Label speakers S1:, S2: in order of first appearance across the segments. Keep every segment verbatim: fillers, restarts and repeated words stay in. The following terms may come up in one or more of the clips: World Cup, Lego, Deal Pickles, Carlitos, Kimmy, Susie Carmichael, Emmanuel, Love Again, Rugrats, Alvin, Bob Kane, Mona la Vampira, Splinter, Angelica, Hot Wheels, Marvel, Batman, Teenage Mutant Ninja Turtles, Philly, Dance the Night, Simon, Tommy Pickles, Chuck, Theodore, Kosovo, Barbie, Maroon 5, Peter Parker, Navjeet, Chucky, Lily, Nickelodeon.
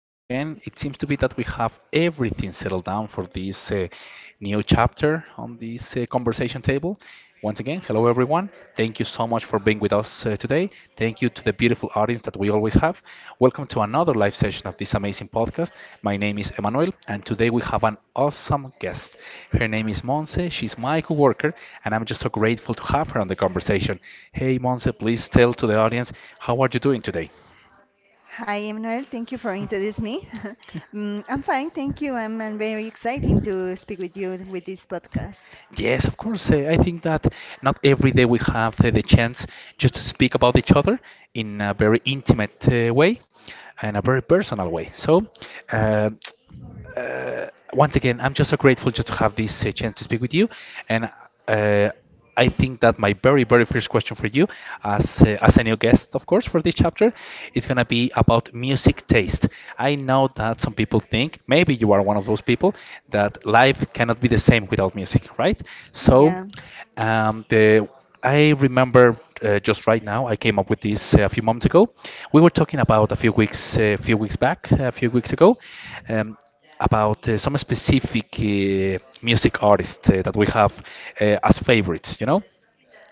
S1: Hello again. It seems to be that we have everything settled down for this uh, new chapter on this uh, conversation table. Once again, hello everyone. Thank you so much for being with us uh, today. Thank you to the beautiful audience that we always have. Welcome to another live session of this amazing podcast. My name is Emmanuel, and today we have an awesome guest. Her name is Monse. She's my coworker, and I'm just so grateful to have her on the conversation. Hey, Monse, please tell to the audience how are you doing today?
S2: Hi, Emmanuel. Thank you for introducing me. Mm, I'm fine, thank you. I'm, uh, very exciting to speak with you with this podcast.
S1: Yes, of course. Uh, I think that not every day we have uh, the chance just to speak about each other in a very intimate uh, way and a very personal way. So, uh, uh, once again, I'm just so grateful just to have this uh, chance to speak with you. And uh, I think that my very, very first question for you, as uh,
S2: Okay.
S1: as a new guest, of course, for this chapter, is gonna be about music taste. I know that some people think maybe you are one of those people that life cannot be the same without music, right? So,
S2: Yeah,
S1: um, the I remember uh, just right now I came up with this uh, a few moments ago. We were talking about a few weeks, a few weeks back, a few weeks ago. Um, about uh, some specific uh, music artists uh, that we have uh, as favorites, you know.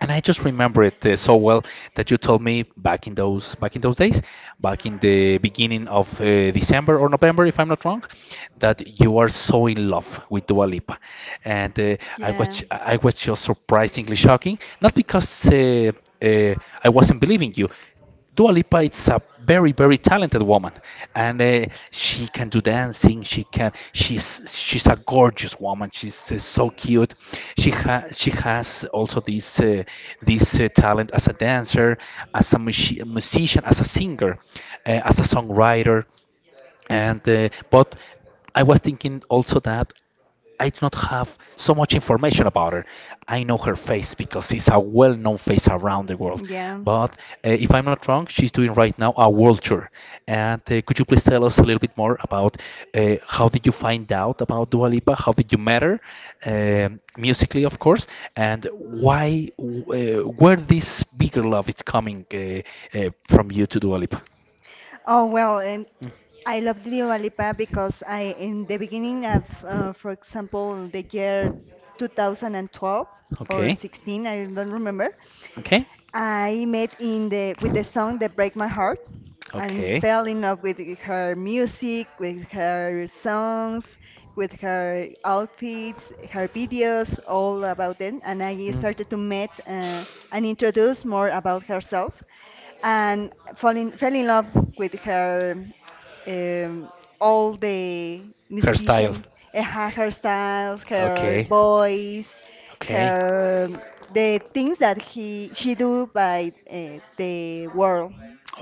S1: And I just remember it uh, so well that you told me back in those back in those days, back in the beginning of uh, December or November, if I'm not wrong, that you are so in love with Dua Lipa, and uh, I
S2: yeah,
S1: was I was just surprisingly shocking, not because uh, uh, I wasn't believing you. Dua Lipa is a very, very talented woman, and uh, she can do dancing. She can. She's she's a gorgeous woman. She's uh, so cute. She has she has also this uh, this uh, talent as a dancer, as a musi- musician, as a singer, uh, as a songwriter, and uh, but I was thinking also that I do not have so much information about her. I know her face because it's a well-known face around the world.
S2: yeah.
S1: But uh, if I'm not wrong, she's doing right now a world tour. And uh, could you please tell us a little bit more about uh, how did you find out about Dua Lipa? How did you meet her, um, musically, of course, and why, uh, where this bigger love is coming uh, uh, from you to Dua Lipa?
S2: Oh well, and I love Dua Lipa because I in the beginning of, uh, for example, the year two thousand twelve or
S1: Okay,
S2: sixteen, I don't remember.
S1: okay.
S2: I met in the with the song that break my heart and
S1: Okay.
S2: fell in love with her music, with her songs, with her outfits, her videos, all about them. And I
S1: Mm.
S2: started to meet uh, and introduce more about herself and fall in, fell in love with her um, all the
S1: Hairstyle.
S2: musician, eh, her hairstyles, her
S1: Okay.
S2: voice,
S1: Okay.
S2: her the things that he she do by uh, the world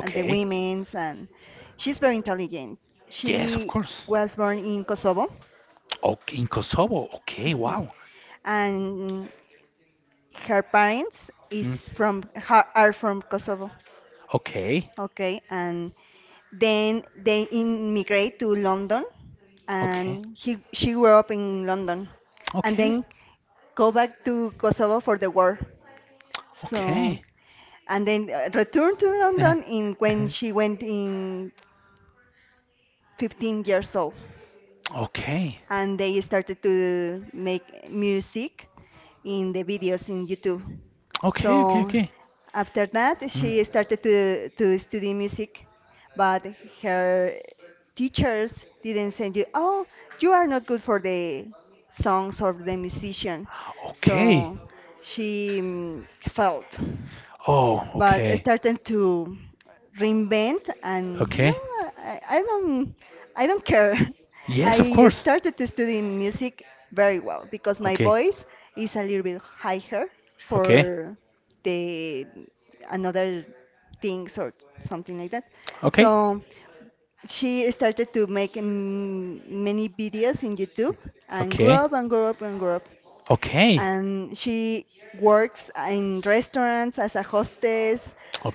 S2: and the women's and she's very intelligent.
S1: Yes, of
S2: She
S1: course.
S2: was born in Kosovo,
S1: Okay, in Kosovo. Okay,
S2: mhm,
S1: wow.
S2: and her parents is
S1: Mm.
S2: from ha- are from Kosovo.
S1: Okay.
S2: Okay, and then they immigrate to London,
S1: Okay.
S2: and he she grew up in London, and
S1: Okay.
S2: then go back to Kosovo for the war. So
S1: Okay.
S2: and then uh, returned to London in when she went in fifteen years old,
S1: Okay.
S2: and they started to make music in the videos in YouTube.
S1: Okay, okay,
S2: So
S1: okay.
S2: after that,
S1: Mm.
S2: she started to, to study music, but her teachers didn't say, you, oh, you are not good for the songs or the musician.
S1: Okay.
S2: So she mm, felt
S1: Oh,
S2: but
S1: okay.
S2: starting to reinvent and no,
S1: Okay.
S2: I, I don't I don't care.
S1: Yes, of
S2: I
S1: course.
S2: started to study music very well because my
S1: Okay.
S2: voice is a little bit higher
S1: Okay.
S2: for the another things or something like that.
S1: Okay.
S2: So she started to make mm, many videos in YouTube and grew
S1: Okay.
S2: up and grew up and grew up
S1: Okay.
S2: and she works in restaurants as a hostess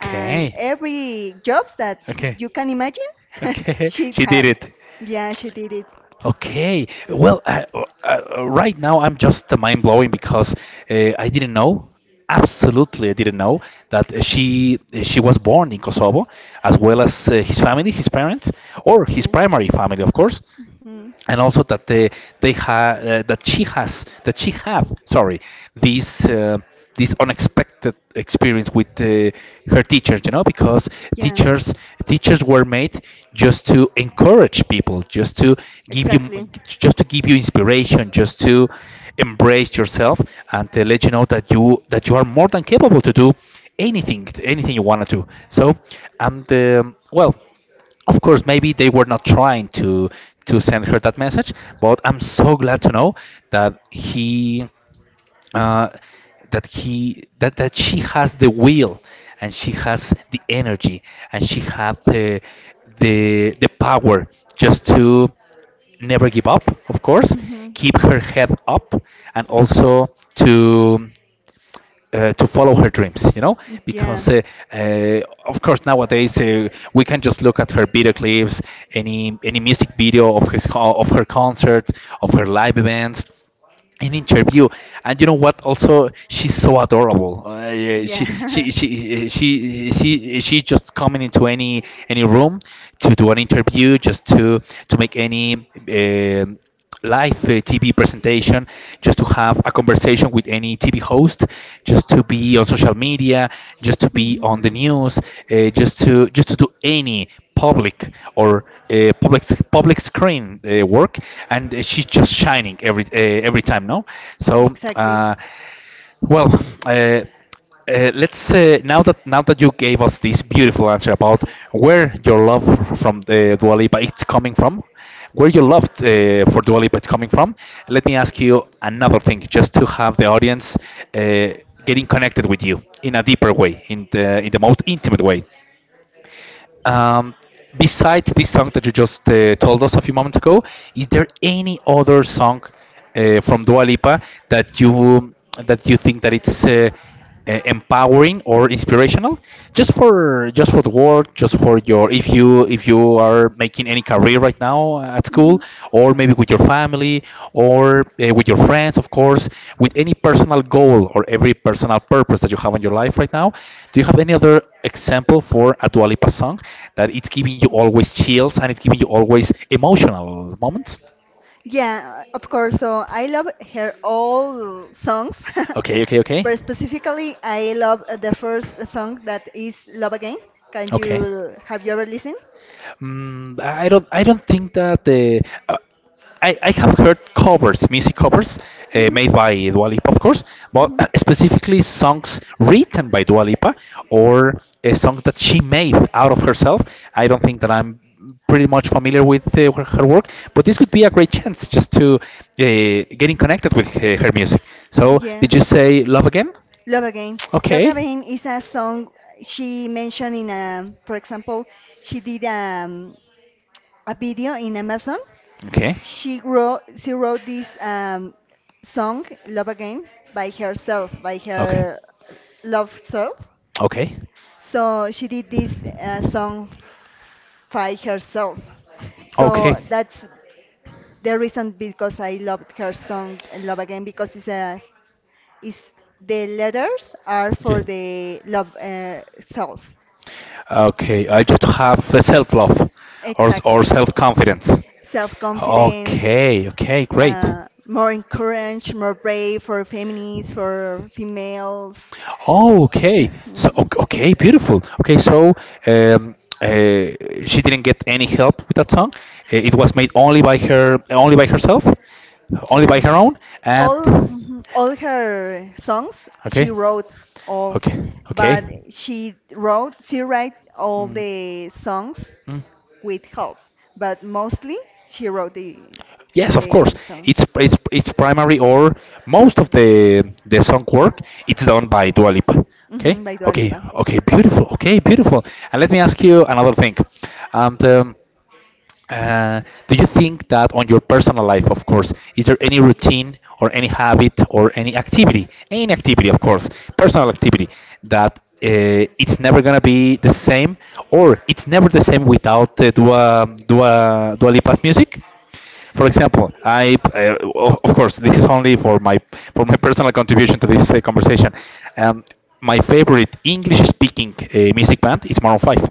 S2: and every jobs that
S1: Okay.
S2: you can imagine
S1: Okay.
S2: she
S1: She did
S2: had.
S1: it.
S2: Yeah, she did it.
S1: Okay. Well, I, uh, uh, right now I'm just mind blowing because uh, I didn't know. Absolutely, I didn't know that uh, she she was born in Kosovo, as well
S2: Mhm.
S1: as uh, his family, his parents, or his
S2: Yeah.
S1: primary family, of course,
S2: Hmm.
S1: and also that they they ha- uh, that she has that she have, sorry, this uh, this unexpected experience with uh, her teachers, you know, because
S2: Yeah.
S1: teachers teachers were made just to encourage people, just to give you
S2: Exactly.
S1: just to give you inspiration, just to embrace yourself, and to let you know that you that you are more than capable to do anything anything you want to do. So, and um, well, of course maybe they were not trying to to send her that message, but I'm so glad to know that he uh, that he that, that she has the will, and she has the energy, and she has the the the power just to never give up, of course,
S2: Hmm.
S1: keep her head up, and also to uh, to follow her dreams, you know,
S2: Yeah.
S1: because uh, uh, of course nowadays uh, we can just look at her video clips, any any music video, of his co- of her concerts, of her live events, an interview. And you know what, also she's so adorable, uh, yeah, she, she
S2: Yeah.
S1: she she she she just coming into any any room to do an interview, just to to make any um live uh, TV presentation, just to have a conversation with any T V host, just to be on social media, just to be on the
S2: Hmm.
S1: news, uh, just to just to do any public or uh, public public screen uh, work, and uh, she's just shining every uh, every time, no? So,
S2: Exactly.
S1: uh, well, uh, uh, let's uh, now that now that you gave us this beautiful answer about where your love from the Dua Lipa it's coming from, where your love uh, for Dua Lipa it's coming from, let me ask you another thing, just to have the audience uh, getting connected with you in a deeper way, in the in the most intimate way. Um, besides this song that you just uh, told us a few moments ago, is there any other song uh, from Dua Lipa that you that you think that it's uh, uh, empowering or inspirational? Just for just for the work, just for your if you if you are making any career right now at school,
S2: Hmm.
S1: or maybe with your family, or uh, with your friends, of course, with any personal goal or every personal purpose that you have in your life right now. Do you have any other example for a Dua Lipa song that it's giving you always chills and it's giving you always emotional moments?
S2: Yeah, of course. So I love her all songs,
S1: Okay, okay, okay.
S2: but specifically I love uh, the first song that is "Love Again." Can
S1: Okay.
S2: you Have you ever listened?
S1: Mm, I don't. I don't think that the. Uh, I, I have heard covers, music covers, uh,
S2: Hmm.
S1: made by Dua Lipa, of course, but
S2: Hmm.
S1: specifically songs written by Dua Lipa, or a song that she made out of herself. I don't think that I'm pretty much familiar with uh, her her work, but this could be a great chance just to uh, getting connected with uh, her music. So,
S2: Yeah,
S1: did you say Love Again?
S2: "Love Again." "Love
S1: Okay.
S2: Again" is a song she mentioned in a, for example, she did um, a video in Amazon.
S1: Okay.
S2: She wrote she wrote this um, song "Love Again" by herself, by
S1: Okay.
S2: her love self.
S1: Okay.
S2: So she did this uh, song s- by herself. So that's the reason
S1: Okay.
S2: because I loved her song uh, "Love Again" because it's a it's, the letters are for the love uh, self.
S1: Okay, I just have self-love or or
S2: Exactly,
S1: self-confidence.
S2: self confidence,
S1: Okay, okay, great.
S2: uh, more encouraged, more brave for feminists, for females.
S1: Oh, okay. So,
S2: Mhm.
S1: ok- okay, beautiful. Okay, so um, uh, she didn't get any help with that song. Uh, It was made only by her, only by herself, only
S2: Yeah.
S1: by her own. And
S2: All mhm, all her songs she
S1: okay,
S2: wrote all,
S1: okay, okay.
S2: but she wrote she write all
S1: Mm.
S2: the songs
S1: Mm.
S2: with help, but mostly she wrote the
S1: Yes, of course.
S2: the
S1: It's
S2: songs.
S1: it's it's primary, or most of the the song work it's done by Dua Lipa.
S2: Hmm.
S1: Okay,
S2: By Dua
S1: okay,
S2: Lipa.
S1: okay, beautiful. Okay, beautiful. And let me ask you another thing. Um, the, uh, do you think that on your personal life, of course, is there any routine or any habit or any activity, any activity, of course, personal activity that uh, it's never gonna be the same, or it's never the same without uh, Dua Dua Dua Lipa's music? For example, I uh, o- of course this is only for my for my personal contribution to this uh, conversation. Um, my favorite English-speaking uh, music band is Maroon five,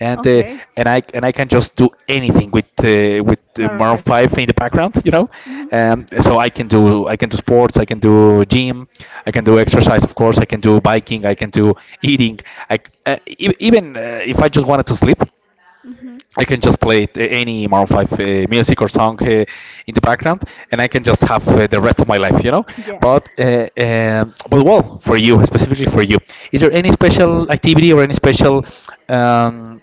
S1: and uh,
S2: Okay.
S1: and I and I can just do anything with uh, with uh,
S2: Maroon
S1: Maroon
S2: five.
S1: five in the background, you know.
S2: Hmm.
S1: Um, so I can do I can do sports, I can do gym, I can do exercise, of course, I can do biking, I can do eating. I c- uh, e- even uh, if I just wanted to sleep,
S2: Hmm.
S1: I can just play it, uh, any Maroon five uh, music or song uh, in the background, and I can just have uh, the rest of my life, you know.
S2: Yeah.
S1: But uh, um, but well, for you, specifically for you, is there any special activity or any special um,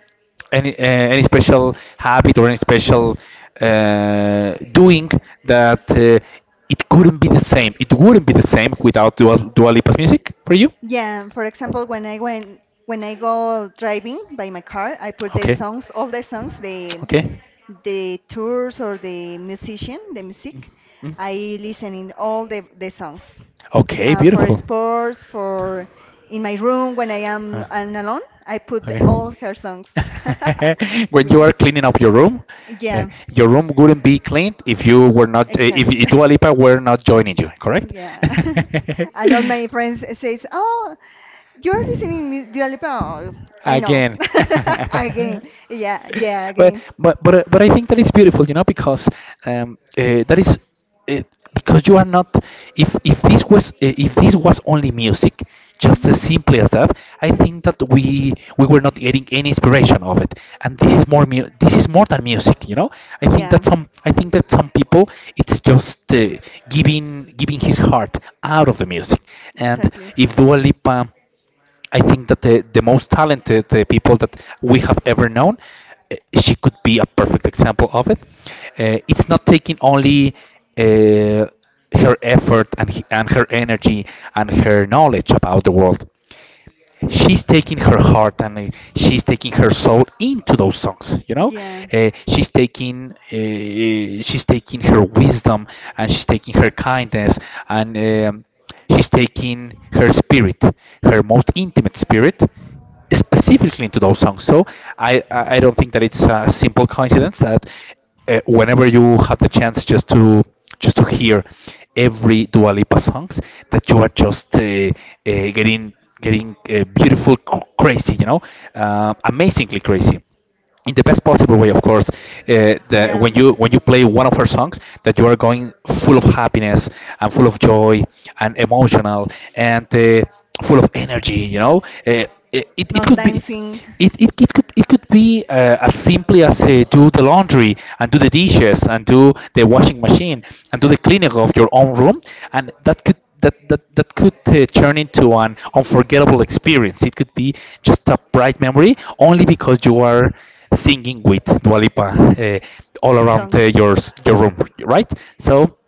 S1: any uh, any special habit or any special uh, doing that uh, it couldn't be the same? It wouldn't be the same without Dua, Dua Lipa's music for you.
S2: Yeah, for example, when I went when I go driving by my car, I put the
S1: Okay.
S2: songs, all the songs the
S1: Okay.
S2: the tours or the musician, the music,
S1: Mm.
S2: I listen in all the, the songs.
S1: Okay,
S2: Uh, for
S1: beautiful.
S2: sports, for in my room when I
S1: Uh,
S2: am and alone, I put the,
S1: Okay.
S2: all her songs.
S1: When you
S2: Yeah.
S1: are cleaning up your room, uh,
S2: Yeah,
S1: your room wouldn't be cleaned if you were not, uh, if
S2: exactly.
S1: Dua Lipa were not joining you, correct?
S2: Yeah. And all my friends says, "Oh, you're listening to Dua Lipa." Oh, I know.
S1: again.
S2: Again. Yeah, yeah,
S1: but
S2: again.
S1: but but uh, but I think that is beautiful, you know, because um, uh, that is uh, because you are not. If if this was uh, if this was only music, just as
S2: Mhm.
S1: simply as that, I think that we we were not getting any inspiration of it, and this is more mu- this is more than music, you know. I think
S2: Yeah,
S1: that some i think that some people, it's just uh, giving giving his heart out of the music. And
S2: exactly.
S1: if Dua Lipa I think that the, the most talented uh, people that we have ever known, uh, she could be a perfect example of it. Uh, it's not taking only uh, her effort and, he- and her energy, and her knowledge about the world. She's taking her heart, and uh, she's taking her soul into those songs you know
S2: Yeah,
S1: uh, she's taking uh, uh, she's taking her wisdom, and she's taking her kindness, and um, she's taking her spirit, her most intimate spirit, specifically into those songs. So I, I I don't think that it's a simple coincidence that, uh, whenever you have the chance just to just to hear every Dua Lipa songs, that you are just uh, uh, getting getting uh, beautiful, cr- crazy, you know, uh, amazingly crazy, in the best possible way, of course. Uh, the,
S2: yeah.
S1: when you when you play one of her songs, that you are going full of happiness, and full of joy, and emotional, and uh, full of energy. You know, uh, it, it
S2: No
S1: could be.
S2: dancing.
S1: It, it, it could it could be uh, as simply as uh, do the laundry, and do the dishes, and do the washing machine, and do the cleaning of your own room, and that could that that, that could uh, turn into an unforgettable experience. It could be just a bright memory only because you are singing with Dua Lipa uh, all around uh,
S2: Songs.
S1: your s- your room, right? So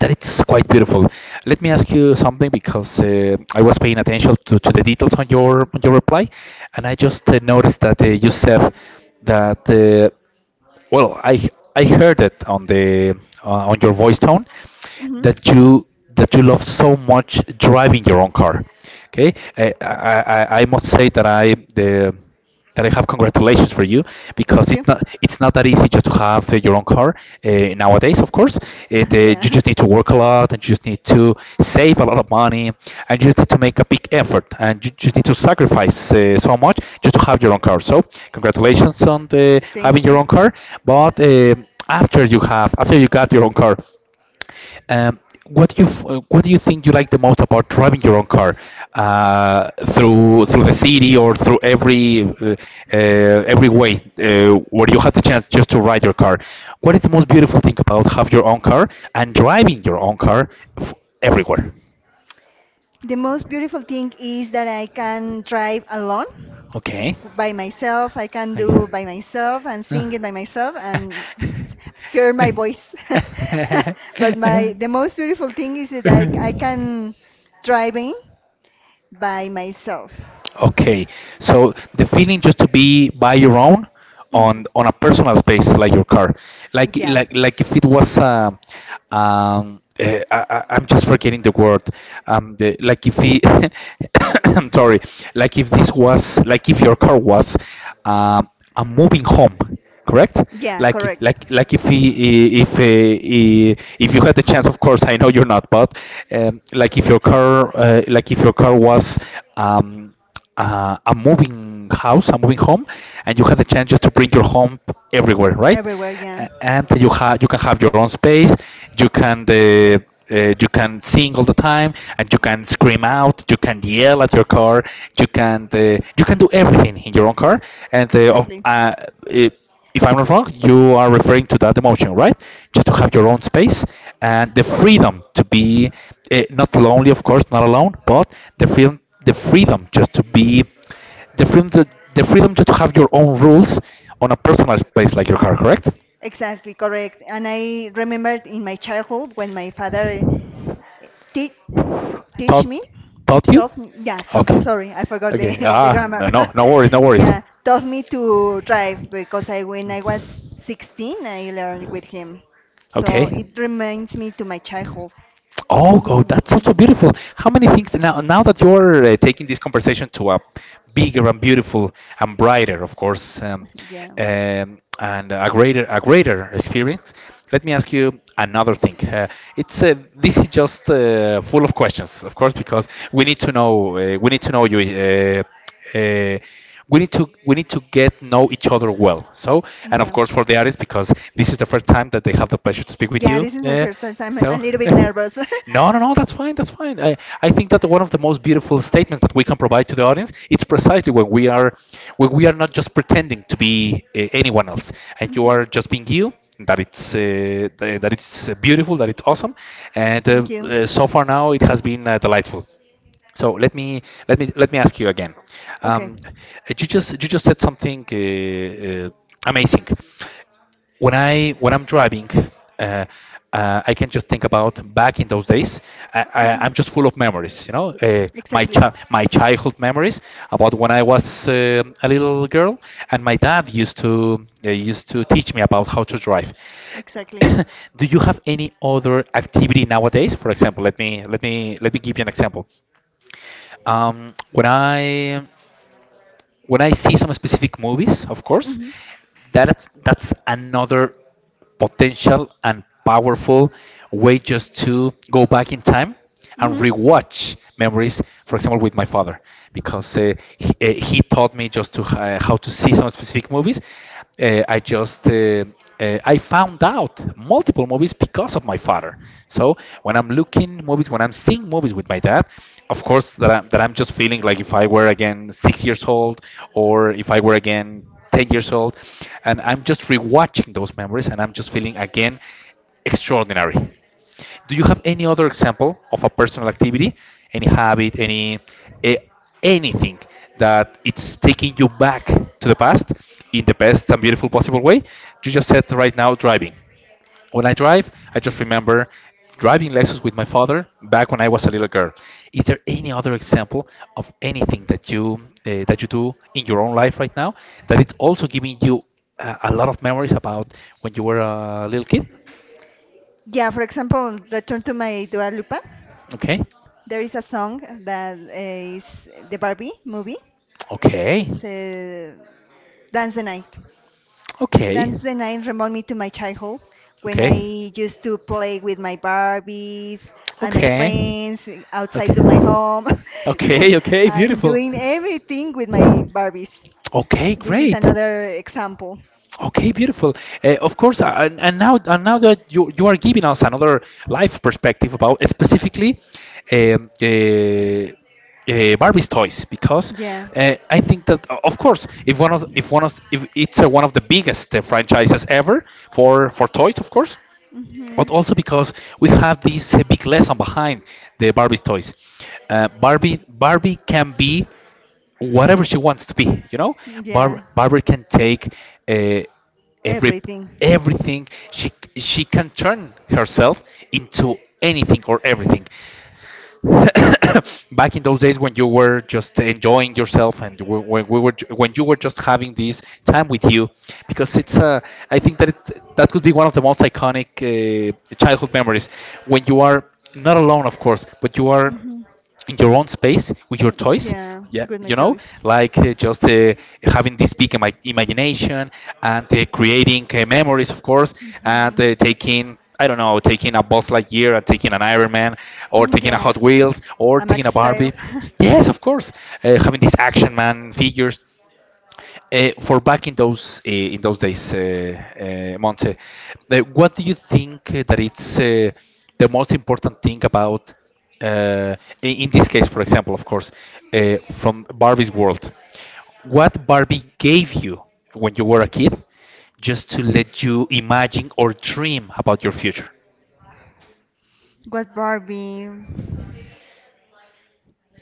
S1: that it's quite beautiful. Let me ask you something, because uh, I was paying attention to, to the details on your on your reply, and I just uh, noticed that uh, you said that, uh, well, I h- I heard it on the uh, on your voice tone,
S2: Hmm.
S1: that you that you love so much driving your own car. Okay. Eh, I I, I I must say that, I the that I have congratulations for you, because
S2: Thank you.
S1: it's not it's not that easy just to have uh, your own car uh, nowadays. Of course, it uh, you
S2: Yeah,
S1: just need to work a lot, and you just need to save a lot of money, and you just need to make a big effort, and you just need to sacrifice uh, so much just to have your own car. So congratulations on the
S2: thank
S1: having
S2: you.
S1: your own car, but um after you have after you got your own car, um, what do you f- uh, what do you think you like the most about driving your own car, uh, through through the city, or through every uh, uh, every way uh, where you had the chance just to ride your car? What is the most beautiful thing about have your own car, and driving your own car, f- everywhere?
S2: The most beautiful thing is that I can drive alone
S1: Okay.
S2: by myself. I can
S1: Okay.
S2: do by myself and sing it by myself and hear my voice. But my the most beautiful thing is that
S1: Uh.
S2: I, I can driving by myself.
S1: Okay, so the feeling just to be by your own,
S2: Hmm.
S1: on on a personal space like your car, like
S2: Yeah,
S1: like like if it was, um um uh, I, I- I'm just forgetting the word, um the, like if he I'm sorry, like if this was, like if your car was um a moving home, correct?
S2: yeah,
S1: Like
S2: correct.
S1: like like if he if uh, if you had the chance, of course, I know you're not, but um, like if your car uh, like if your car was um uh, a moving house, a moving home, and you have the chance just to bring your home everywhere, right?
S2: Everywhere, yeah.
S1: A- And you have you can have your own space. You can uh, uh, you can sing all the time, and you can scream out. You can yell at your car. You can uh, you can do everything in your own car, and uh, of-
S2: Exactly.
S1: uh, it, if I'm not wrong, you are referring to that emotion, right? Just to have your own space, and the freedom to be uh, not lonely, of course, not alone, but the freedom, the freedom just to be, the freedom, to, the freedom just to have your own rules on a personal space like your car, correct?
S2: Exactly, correct. And I remembered in my childhood when my father Teach, teach me.
S1: Taught you?
S2: Taught me, yeah, to, sorry, I forgot the, the grammar.
S1: Worries, no worries.
S2: Yeah, taught me to drive because I when I was sixteen, I learned with him. So
S1: Okay.
S2: it
S1: It
S2: reminds me to my childhood.
S1: Oh, God,
S2: Mhm.
S1: that's also beautiful. How many things now? Now that you're uh, taking this conversation to a bigger and beautiful, and brighter, of course, um,
S2: Yeah,
S1: um, and a greater a greater experience. Let me ask you another thing. Uh, it's uh, This is just uh, full of questions, of course, because we need to know uh, we need to know you. Uh, uh, we need to we need to get know each other well. So, and of
S2: yeah.
S1: course for the artists, because this is the first time that they have the pleasure to speak with
S2: Yeah,
S1: you.
S2: this is my
S1: Uh,
S2: first time, so I'm a
S1: so.
S2: little bit nervous.
S1: No, no, no, that's fine, that's fine. I, I think that one of the most beautiful statements that we can provide to the audience, it's precisely when we are when we are not just pretending to be uh, anyone else, and you
S2: Mhm.
S1: are just being you, that it's uh, th- that it's uh, beautiful, that it's awesome. And uh,
S2: Thank you.
S1: uh, so far now it has been uh, delightful. So let me let me let me ask you again.
S2: Okay.
S1: Um, you just you just said something uh, uh, amazing. When I when I'm driving, uh, uh, I can just think about back in those days. I, I,
S2: Mhm.
S1: I'm just full of memories, you know, uh, my
S2: Exactly,
S1: chi- my childhood memories about when I was um a little girl, and my dad used to uh, used to teach me about how to drive.
S2: exactly.
S1: Do you have any other activity nowadays? For example, let me let me let me give you an example. Um, when I when I see some specific movies, of course,
S2: Mm-hmm.
S1: that's that's another potential and powerful way just to go back in time and
S2: Mm-hmm.
S1: rewatch memories, for example, with my father, because uh, he, uh, he taught me just to, uh, how to see some specific movies. Uh, I just uh, uh, I found out multiple movies because of my father. So when I'm looking movies, when I'm seeing movies with my dad, of course that I'm, that I'm just feeling like if I were again six years old, or if I were again ten years old, and I'm just rewatching those memories, and I'm just feeling again extraordinary. Do you have any other example of a personal activity, any habit, any eh, anything that it's taking you back to the past in the best and beautiful possible way? You just said right now driving. When I drive, I just remember driving Lexus with my father back when I was a little girl. Is there any other example of anything that you uh, that you do in your own life right now, that it's also giving you uh, a lot of memories about when you were a little kid?
S2: Yeah, for example, Return to My Dua Lipa.
S1: Okay,
S2: There is a song that uh, is the Barbie movie.
S1: okay.
S2: It's, uh, Dance the Night.
S1: Okay.
S2: Dance the Night remind me to my childhood when I
S1: Okay.
S2: used to play with my Barbies and my
S1: Okay.
S2: friends
S1: Okay.
S2: outside of my home
S1: Okay, okay,
S2: and
S1: beautiful.
S2: doing everything with my Barbies.
S1: Okay,
S2: This is
S1: great.
S2: another example.
S1: Okay, beautiful. Uh, of course, uh, and, and now and now that you you are giving us another life perspective about, uh, specifically, um, uh, uh, Barbie's toys, because
S2: Yeah.
S1: uh, I think that uh, of course, if one of if one of if it's uh, one of the biggest uh, franchises ever for for toys, of course,
S2: Hmm.
S1: but also because we have this uh, big lesson behind the Barbie's toys. Uh, Barbie Barbie can be whatever she wants to be you know Barb-
S2: Yeah.
S1: barbara can take uh, every
S2: Everything.
S1: everything she she can turn herself into anything or everything. Back in those days when you were just enjoying yourself, and w- when we were ju- when you were just having this time with you, because it's uh, I think that it's that could be one of the most iconic uh, childhood memories, when you are not alone, of course, but you are
S2: Mhm.
S1: in your own space with your
S2: Mm,
S1: toys.
S2: yeah,
S1: Yeah,
S2: good
S1: you know
S2: McDough's.
S1: like, uh, just uh, having this big ima- imagination, and uh, creating uh, memories, of course, and
S2: Mhm.
S1: uh, taking, I don't know, taking a boss like year, and taking an iron man, or
S2: Mm,
S1: taking a
S2: yeah,
S1: hot wheels, or
S2: a
S1: taking
S2: Max
S1: a
S2: style.
S1: barbie. Yes, of course, uh, having these action man figures, uh, for back in those, uh, in those days. uh, uh, Monte, uh, what do you think uh, that it's uh, the most important thing about, uh, in in this case, for example, of course, uh, from Barbie's world? What Barbie gave you when you were a kid, just to let you imagine or dream about your future?
S2: What Barbie?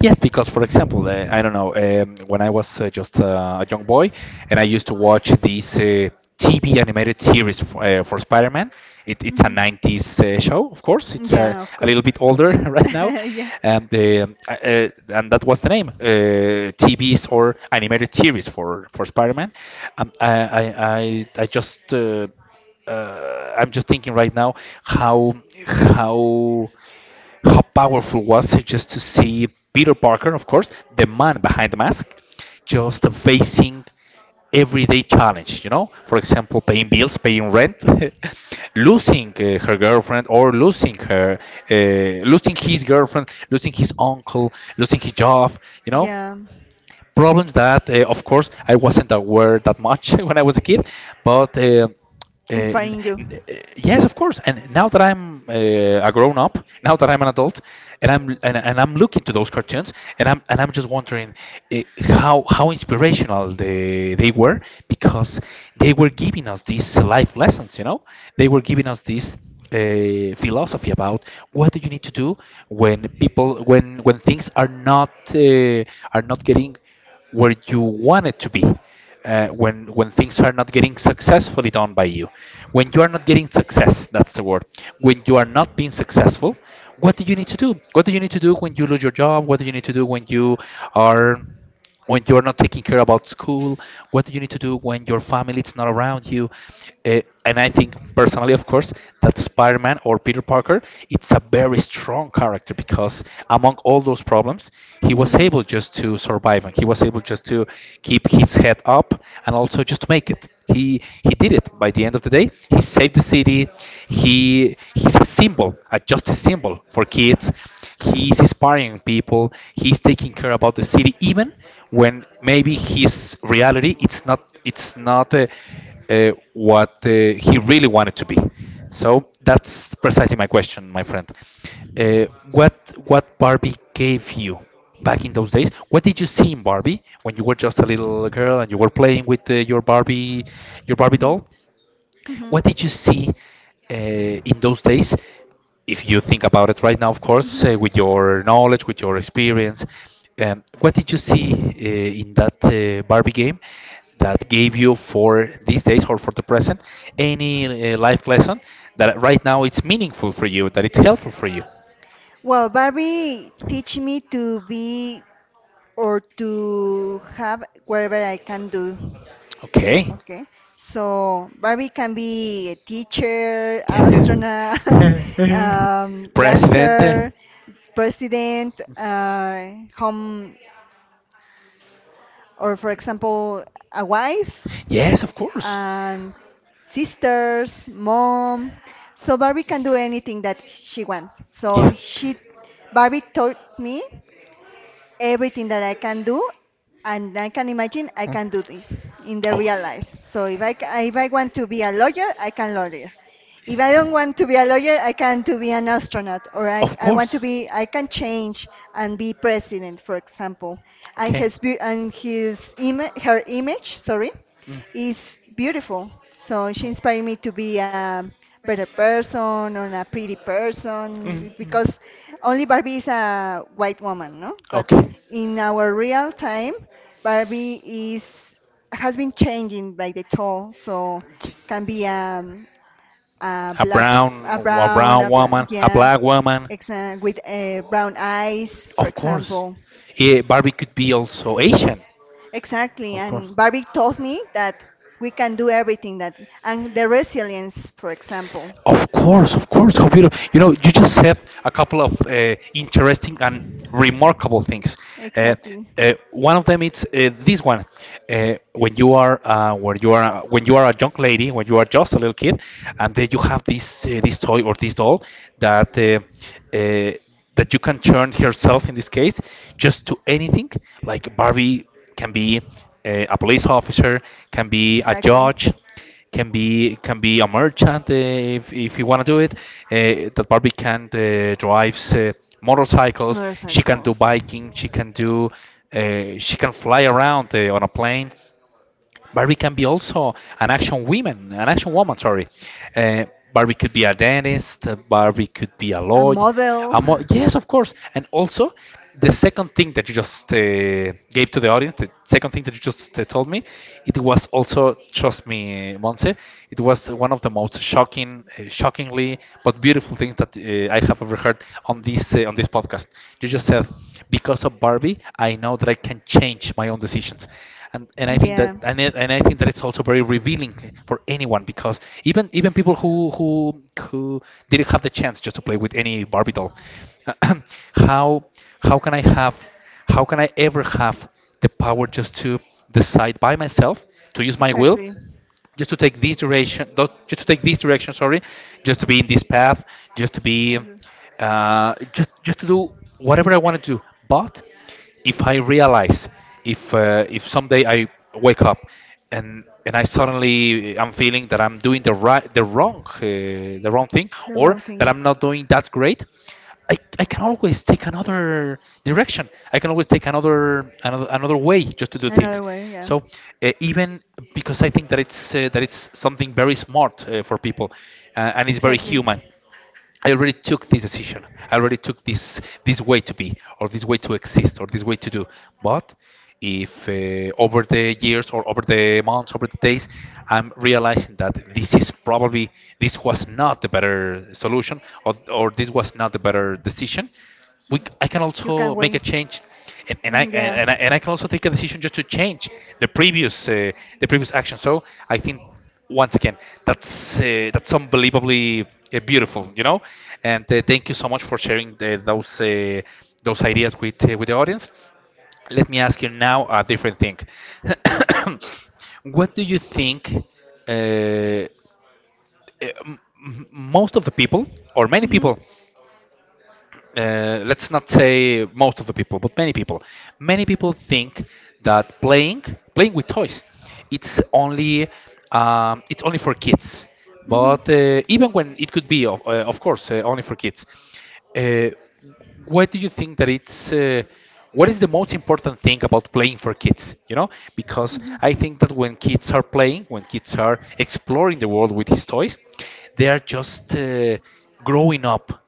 S1: Yes, because for example, uh, I don't know, um, when I was uh, just uh, a young boy, and I used to watch this uh, T V animated series f uh, for Spider-Man. It, it's a
S2: Mhm.
S1: nineties uh, show, of course. It's uh,
S2: Yeah, of
S1: a little
S2: course.
S1: bit older right now.
S2: Yeah,
S1: And um, uh, uh, and that was the name, uh, T Vs or animated series for, for Spider-Man. Um, I, I, I, I just uh, uh, I'm just thinking right now how how how powerful was it just to see Peter Parker, of course, the man behind the mask, just facing everyday challenge, you know? For example, paying bills, paying rent, losing uh, her girlfriend or losing her, uh, losing his girlfriend, losing his uncle, losing his job, you know?
S2: yeah,
S1: Problems that, uh, of course, I wasn't aware that much when I was a kid, but. Uh, uh, n-
S2: inspiring you.
S1: n- uh, yes, of course. And now that I'm uh, a grown up, now that I'm an adult, and I'm and, and I'm looking to those cartoons, and I'm and I'm just wondering uh, how how inspirational they they were, because they were giving us these life lessons. You know, they were giving us this uh, philosophy about what do you need to do when people when when things are not uh, are not getting where you want it to be, uh, when when things are not getting successfully done by you, when you are not getting success, that's the word, when you are not being successful. What do you need to do? What do you need to do when you lose your job? What do you need to do when you are when you're not taking care about school? What do you need to do when your family is not around you uh, and I think, personally, of course, that Spider-Man or Peter Parker, it's a very strong character, because among all those problems, he was
S2: Mhm.
S1: able just to survive, and he was able just to keep his head up and also just make it. He he did it. By the end of the day, he saved the city. He he's a symbol, a justice symbol for kids. He's inspiring people. He's taking care about the city, even when maybe his reality, it's not it's not uh, uh, what uh, he really wanted to be. So that's precisely my question, my friend. Uh, what what Barbie gave you back in those days? What did you see in Barbie when you were just a little girl and you were playing with uh, your Barbie your Barbie
S2: Mhm.
S1: doll?
S2: Hmm.
S1: What did you see uh, in those days? If you think about it right now, of
S2: Hmm.
S1: course, uh, with your knowledge, with your experience, um, what did you see uh, in that uh, Barbie game, that gave you for these days or for the present any uh, life lesson that right now it's meaningful for you, that it's helpful for you?
S2: Well, Barbie teach me to be or to have whatever I can do.
S1: Okay.
S2: Okay, so Barbie can be a teacher, astronaut, um, dancer,
S1: President?
S2: president, uh, home, or for example, a wife
S1: Yes, of course.
S2: and sisters, mom. So Barbie can do anything that she wants. So she, Barbie taught me everything that I can do, and I can imagine I can do this in the real life. So if I ca- if I want to be a lawyer, I can lawyer. If I don't want to be a lawyer, I can to be an astronaut, or I, I want to be I can change and be president, for example. And his beau- and his ima- her image, sorry, is beautiful. So she inspired me to be a better person or a pretty
S1: Mhm.
S2: person because only Barbie is a white woman, no?
S1: No?
S2: But
S1: Okay.
S2: in our real time, Barbie is has been changing like the tone, so can be um, a
S1: A
S2: black,
S1: brown,
S2: a brown,
S1: a
S2: a black,
S1: woman, a
S2: yeah,
S1: black woman.
S2: exa- with uh, brown eyes, for
S1: Of course.
S2: example.
S1: Eh, Barbie could be also Asian.
S2: Exactly,
S1: Of course.
S2: and Barbie taught me that we can do everything that, and the resilience, for example.
S1: Of course, of course, computer. You know, you just said a couple of uh, interesting and remarkable things. Uh,
S2: Exactly,
S1: uh, One of them is uh, this one. Uh, when you are uh, when you are when you are a young lady, when you are just a little kid, and then you have this uh, this toy or this doll that uh, uh, that you can turn herself, in this case, just to anything. Like Barbie can be uh, a police officer, can be a
S2: exactly.
S1: judge, can be can be a merchant, uh, if if you want to do it. Uh, that Barbie can uh, drives uh, motorcycles. She can do
S2: Motorcycles,
S1: biking. She can do uh, she can fly around uh, on a plane. Barbie can be also an action woman, an action woman. Sorry, uh, Barbie could be a dentist. uh, Barbie could be a
S2: a
S1: lawyer.
S2: model.
S1: A mo- yes, of course. And also, the second thing that you just uh, gave to the audience, the second thing that you just uh, told me, it was also, trust me, Monse, it was one of the most shocking, uh, shockingly but beautiful things that uh, I have ever heard on this uh, on this podcast. You just said, because of Barbie, I know that I can change my own decisions, and and I think that,
S2: Yeah,
S1: and it, and I think that it's also very revealing for anyone, because even even people who who who didn't have the chance just to play with any Barbie doll. how how can I have how can I ever have the power just to decide by myself, to use my will,
S2: exactly.
S1: just to take this direction, not- just to take this direction, sorry, just to be in this path, just to be,
S2: Or the
S1: uh, just just to do whatever I want to do. But if I realize, if uh, if someday I wake up, and and I suddenly, I'm feeling that I'm doing the right, the wrong, uh, the wrong thing,
S2: the
S1: or
S2: wrong thing.
S1: that I'm not doing that great, I, I can always take another direction. I can always take another another another way just to do things.
S2: Another way, yeah.
S1: So, uh, even, because I think that it's uh, that it's something very smart uh, for people, uh, and it's very
S2: Exactly.
S1: human. I already took this decision. I already took this this way to be, or this way to exist, or this way to do. But if uh, over the years, or over the months, over the days, I'm realizing that this is probably, this was not the better solution, or or this was not the better decision, we c- I can
S2: You can
S1: also make
S2: wait.
S1: a change, and, and I
S2: Mhm. Yeah.
S1: and I, and I can also take a decision just to change the previous uh, the previous action. So, I think, once again, that's uh, that's unbelievably uh, beautiful you know And uh, thank you so much for sharing the, those uh, those ideas with uh, with the audience. Let me ask you now a different thing. What do you think, uh, m- m- most of the people, or many
S2: Mhm.
S1: people, uh, let's not say most of the people, but many people, many people think that playing, playing with toys, it's only um, it's only for kids.
S2: Mhm.
S1: But uh, even when it could be, of, uh, of course, uh, only for kids, uh, what do you think that it's? Uh, what is the most important thing about playing for kids? You know, because
S2: Mhm.
S1: I think that when kids are playing, when kids are exploring the world with his toys, they are just uh, growing up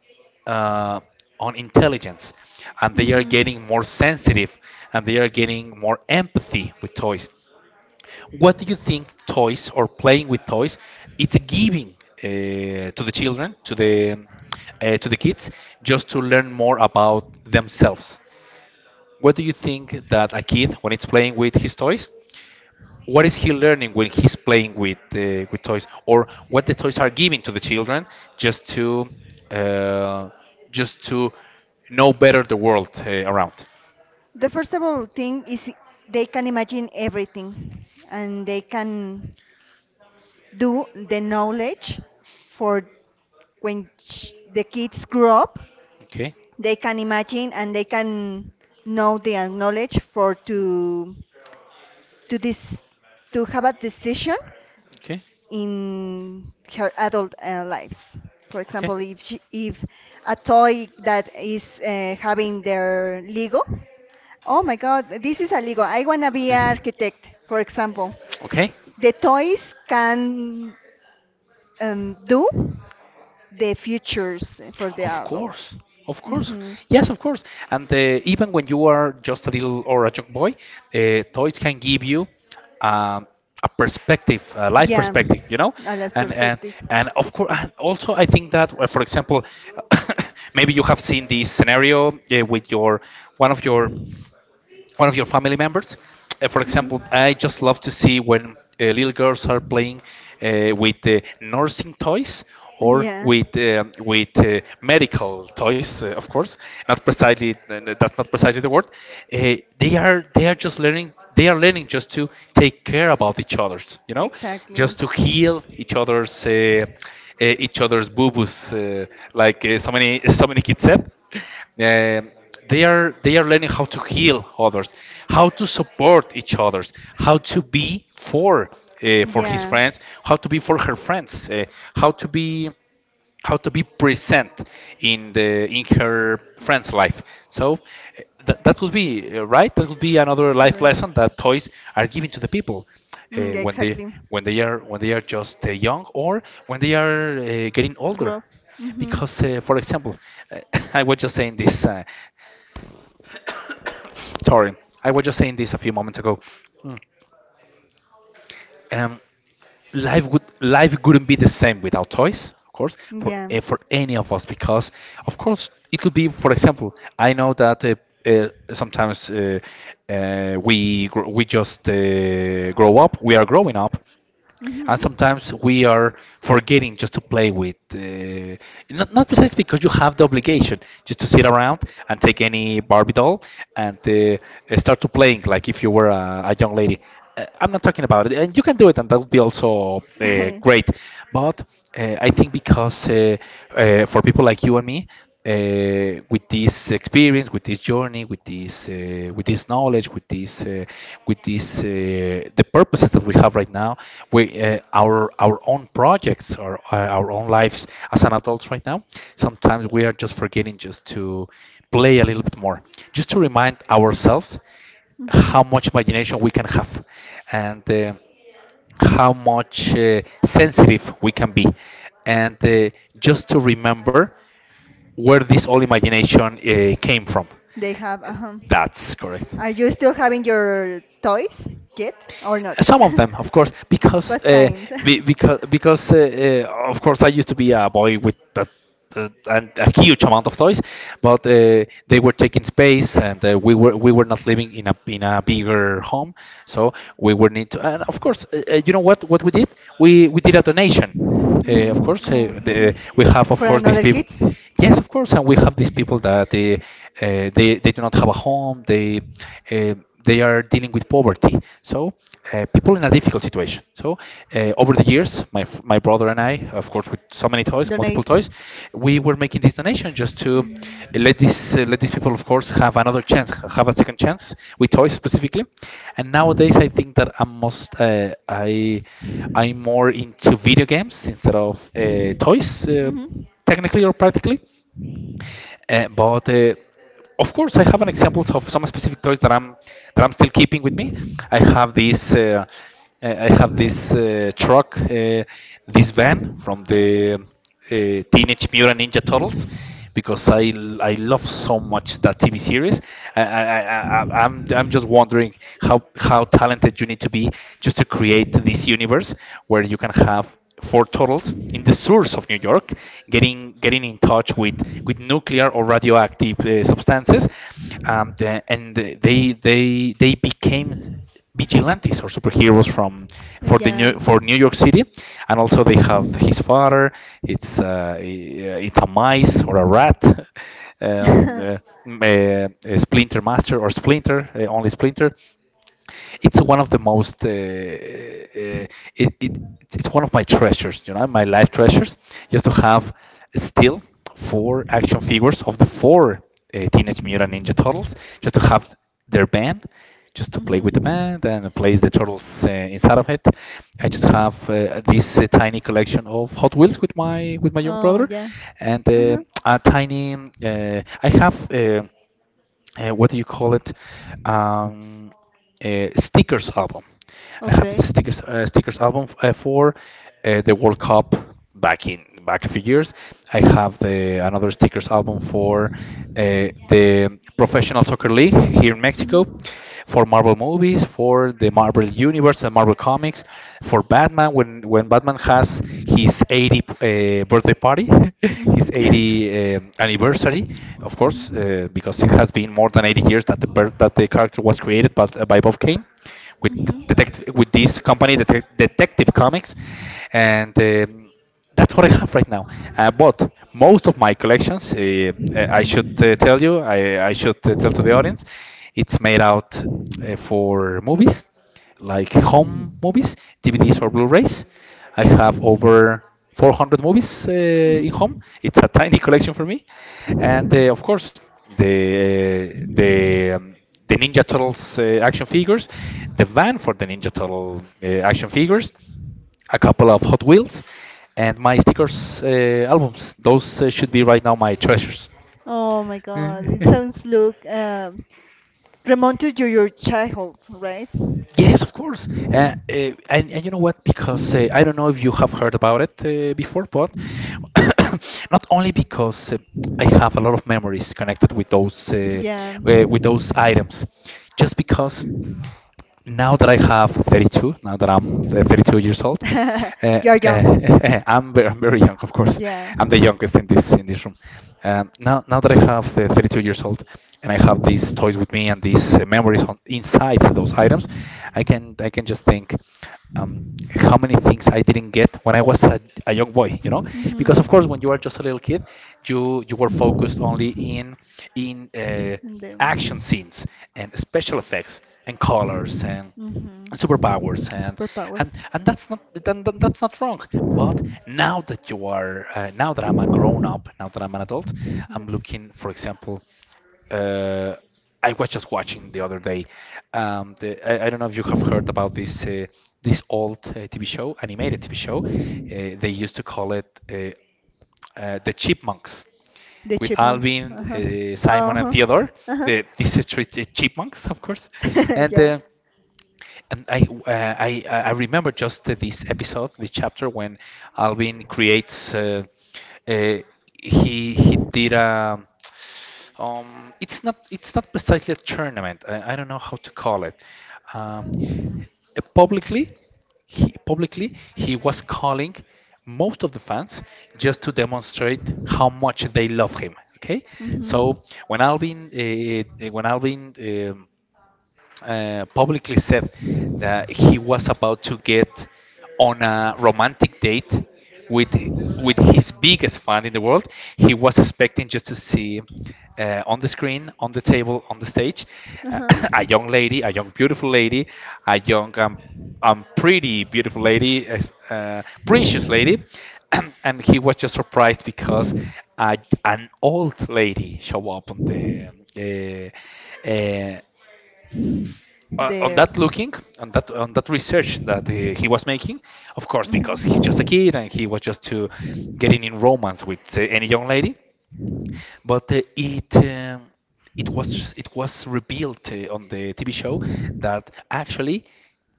S1: uh, on intelligence, and they are
S2: Mhm.
S1: getting more sensitive, and they are getting more empathy with toys. What do you think toys or playing with toys it's giving uh, to the children, to the uh, to the kids, just to learn more about themselves? What do you think that a kid, when it's playing with his toys, what is he learning when he's playing with uh, with toys? Or what the toys are giving to the children just to uh, just to know better the world uh, around.
S2: The first of all thing is they can imagine everything and they can do the knowledge for when ch- the kids grow up.
S1: Okay.
S2: They can imagine and they can know the knowledge for to to this to have a decision
S1: Okay.
S2: in her adult uh, lives. For
S1: Okay.
S2: example, if she, if a toy that is uh, having their Lego. Oh my God, this is illegal. I wanna be an architect, for example.
S1: Okay.
S2: The toys can um, do the futures for the
S1: Of
S2: adults.
S1: course, of course,
S2: Hmm.
S1: yes, of course. And uh, even when you are just a little or a young boy, uh, toys can give you um, a perspective, a life
S2: Yeah,
S1: perspective, you know.
S2: a life
S1: And and
S2: perspective.
S1: and of course, and also I think that, uh, for example, maybe you have seen this scenario uh, with your one of your one of your family members. Uh, for
S2: Hmm.
S1: example, I just love to see when uh, little girls are playing uh, with uh, nursing toys, or
S2: Yeah,
S1: with um with uh, medical toys, uh, of course. Not precisely, that's not precisely the word. Uh, they are they are just learning. They are learning just to take care about each other's, you know,
S2: exactly.
S1: just to heal each other's uh, uh, each other's boo boos, uh, like uh, so many so many kids said. Um they are they are learning how to heal others, how to support each others, how to be for uh, for his
S2: Yeah,
S1: friends, how to be for her friends uh, how to be how to be present in the, in her friend's life. So, uh, that that would be uh, right, that would be another life
S2: right.
S1: lesson that toys are giving to the people
S2: Mm,
S1: uh,
S2: yeah,
S1: when they
S2: exactly.
S1: when they are when they are just uh, young, or when they are uh, getting older,
S2: Grow. Hmm.
S1: because uh, for example, uh, I was just saying this uh, Sorry, I was just saying this a few moments ago. Mm. Um, life would life wouldn't be the same without toys, of course, for
S2: Yeah.
S1: eh, for any of us, because, of course, it could be. For example, I know that uh, uh, sometimes uh, uh, we gr- we just uh, grow up. We are growing up, and
S2: Hmm.
S1: sometimes we are forgetting just to play with. Uh, not not precisely because you have the obligation just to sit around and take any Barbie doll and uh, start to playing like if you were a, a young lady. Uh, I'm not talking about it, and you can do it, and that would be also uh, great. But uh, I think because uh, uh, for people like you and me, uh, with this experience, with this journey, with this uh, with this knowledge, with this uh, with this uh, the purposes that we have right now, we uh, our our own projects, our uh, our own lives as an adults right now. Sometimes we are just forgetting just to play a little bit more, just to remind ourselves
S2: Hmm.
S1: how much imagination we can have, and. Uh, how much uh, sensitive we can be, and uh, just to remember where this all imagination uh, came from.
S2: They have, uh-huh.
S1: That's correct.
S2: Are you still having your toys yet or not?
S1: Some of them, of course, because
S2: What
S1: uh,
S2: kind?
S1: because because uh, uh, of course I used to be a boy with a, a, an- a huge amount of toys, but uh, they were taking space, and uh, we were we were not living in a in a bigger home, so we were need to. And of course, uh, uh, you know what what we did? We we did a donation. Uh,
S2: Hmm.
S1: of course,
S2: Oh.
S1: uh, the,
S2: Mhm.
S1: we have, of
S2: For
S1: course, these
S2: another
S1: people.
S2: kids,
S1: Yes, of course, and we have these people that uh, uh, they they do not have a home. They uh, they are dealing with poverty. So uh, people in a difficult situation. So uh, over the years, my f- my brother and I, of course, with so many toys, multiple
S2: donate.
S1: toys, we were making this donation just to
S2: Mm.
S1: let this uh, let these people, of course, have another chance, have a second chance with toys specifically. And nowadays, I think that I must uh, I. I'm more into video games instead of uh, toys, uh,
S2: Mhm.
S1: technically or practically. Uh, but uh, of course, I have an examples of some specific toys that I'm that I'm still keeping with me. I have this uh, uh, I have this uh, truck, uh, this van from the uh, Teenage Mutant Ninja Turtles, because I I love so much that T V series. I, I, I, I- I'm I'm just wondering how how talented you need to be just to create this universe where you can have for turtles in the sewers of New York, getting getting in touch with with nuclear or radioactive uh, substances, um, the- and they they they became vigilantes or superheroes from
S2: Oh,
S1: for the
S2: yeah.
S1: new for New York City, and also they have his father. It's uh, it's a mice or a rat. Um, uh, m- uh, a Splinter Master or Splinter, uh, only Splinter, it's one of the most. Uh, uh, it, it it's one of my treasures. You know, my life treasures. Just to have still four action figures of the four uh, Teenage Mutant Ninja Turtles, just to have their band, just to play with the
S2: Mhm.
S1: band and place the turtles uh, inside of it. I just have uh, this uh, tiny collection of Hot Wheels with my with my young
S2: Oh,
S1: brother,
S2: yeah.
S1: and uh,
S2: Mhm.
S1: a tiny. Uh, I have. Uh, uh, what do you call it? Um, uh, Stickers album. I have
S2: Okay.
S1: this stickers uh, stickers album uh, for uh, the World Cup, back in back a few years. I have the another stickers album for uh, the Professional Soccer League here in Mexico,
S2: Mhm.
S1: for Marvel movies, for the Marvel universe and Marvel comics, for Batman, when when Batman has his eighty uh, birthday party, his
S2: Mhm.
S1: eighty um, anniversary, of course,
S2: Mhm.
S1: uh, because it has been more than eighty years that the per- that the character was created, but uh, by Bob Kane, with
S2: Mhm.
S1: detect with this company, Detec- Detective Comics, and. Um, that's what I have right now. Uh, but most of my collections, uh, uh, I should uh, tell you, I, I should uh, tell to the audience, it's made out uh, for movies, like home movies, D V Ds or
S2: Mhm.
S1: Blu-rays. I have over four hundred movies uh, in home.
S2: Mhm.
S1: It's a tiny collection for me, and uh, of course, the uh, the um, the Ninja Turtles uh, action figures, the van for the Ninja Turtle uh, action figures, a couple of Hot Wheels, and my stickers uh, albums. Those uh, should be right now my treasures.
S2: Oh my God, it sounds look um, remote to your, your childhood, right?
S1: Yes, of course. Uh, uh, and, and you know what? Because uh, I don't know if you have heard about it uh, before, but not only because uh, I have a lot of memories connected with those uh,
S2: Yeah.
S1: uh, with those items, just because now that I have thirty-two, now that I'm uh, thirty-two years old, uh,
S2: You're young.
S1: uh, I'm, very, I'm very young, of course.
S2: Yeah.
S1: I'm the youngest in this in this room. Um, now, now that I have uh, thirty-two years old, and I have these toys with me and these uh, memories on inside those items, I can I can just think, um, how many things I didn't get when I was a, a young boy, you know? Because
S2: Mhm.
S1: of course, when you are just a little kid, you you were focused only in in uh,
S2: And
S1: action
S2: the.
S1: scenes and special effects and colors and
S2: Mhm.
S1: and superpowers and
S2: Superpower.
S1: and and that's not, then, then that's not wrong, but now that you are, uh, now that I'm a grown up, now that I'm an adult, I'm
S2: Mhm.
S1: looking, for example, uh, I was just watching the other day, um, the, I, I don't know if you have heard about this uh, this old uh, TV show, animated TV show, uh, they used to call it, uh, uh, the Chipmunks,
S2: The
S1: with
S2: chipmunks.
S1: Alvin,
S2: Uh-huh.
S1: uh, Simon, and
S2: Uh-huh.
S1: Theodore,
S2: Uh-huh.
S1: the, these uh, three ch- chipmunks, of course. And
S2: Yeah.
S1: uh, and I, uh, I I I remember just uh, this episode, this chapter, when Alvin creates. Uh, uh, he he did a. Um, it's not it's not precisely a tournament. I, I don't know how to call it. Um, uh, publicly he Publicly he was calling most of the fans just to demonstrate how much they love him, okay?
S2: Mhm.
S1: So when alvin uh, uh, when Alvin, um, uh, publicly said that he was about to get on a romantic date with with his biggest fan in the world. He was expecting just to see, uh, on the screen, on the table, on the stage, uh,
S2: Uh-huh.
S1: a young lady, a young beautiful lady, a young, um, um pretty beautiful lady, as- uh, precious lady, and he was just surprised because a, an old lady show up on the. Uh, uh, uh, on that
S2: The.
S1: looking, on that on that research that uh, he was making, of course, because he's just a
S2: Mhm.
S1: kid and he was just to getting in romance with uh, any young lady, but uh, it um, it was it was revealed uh, on the T V show that actually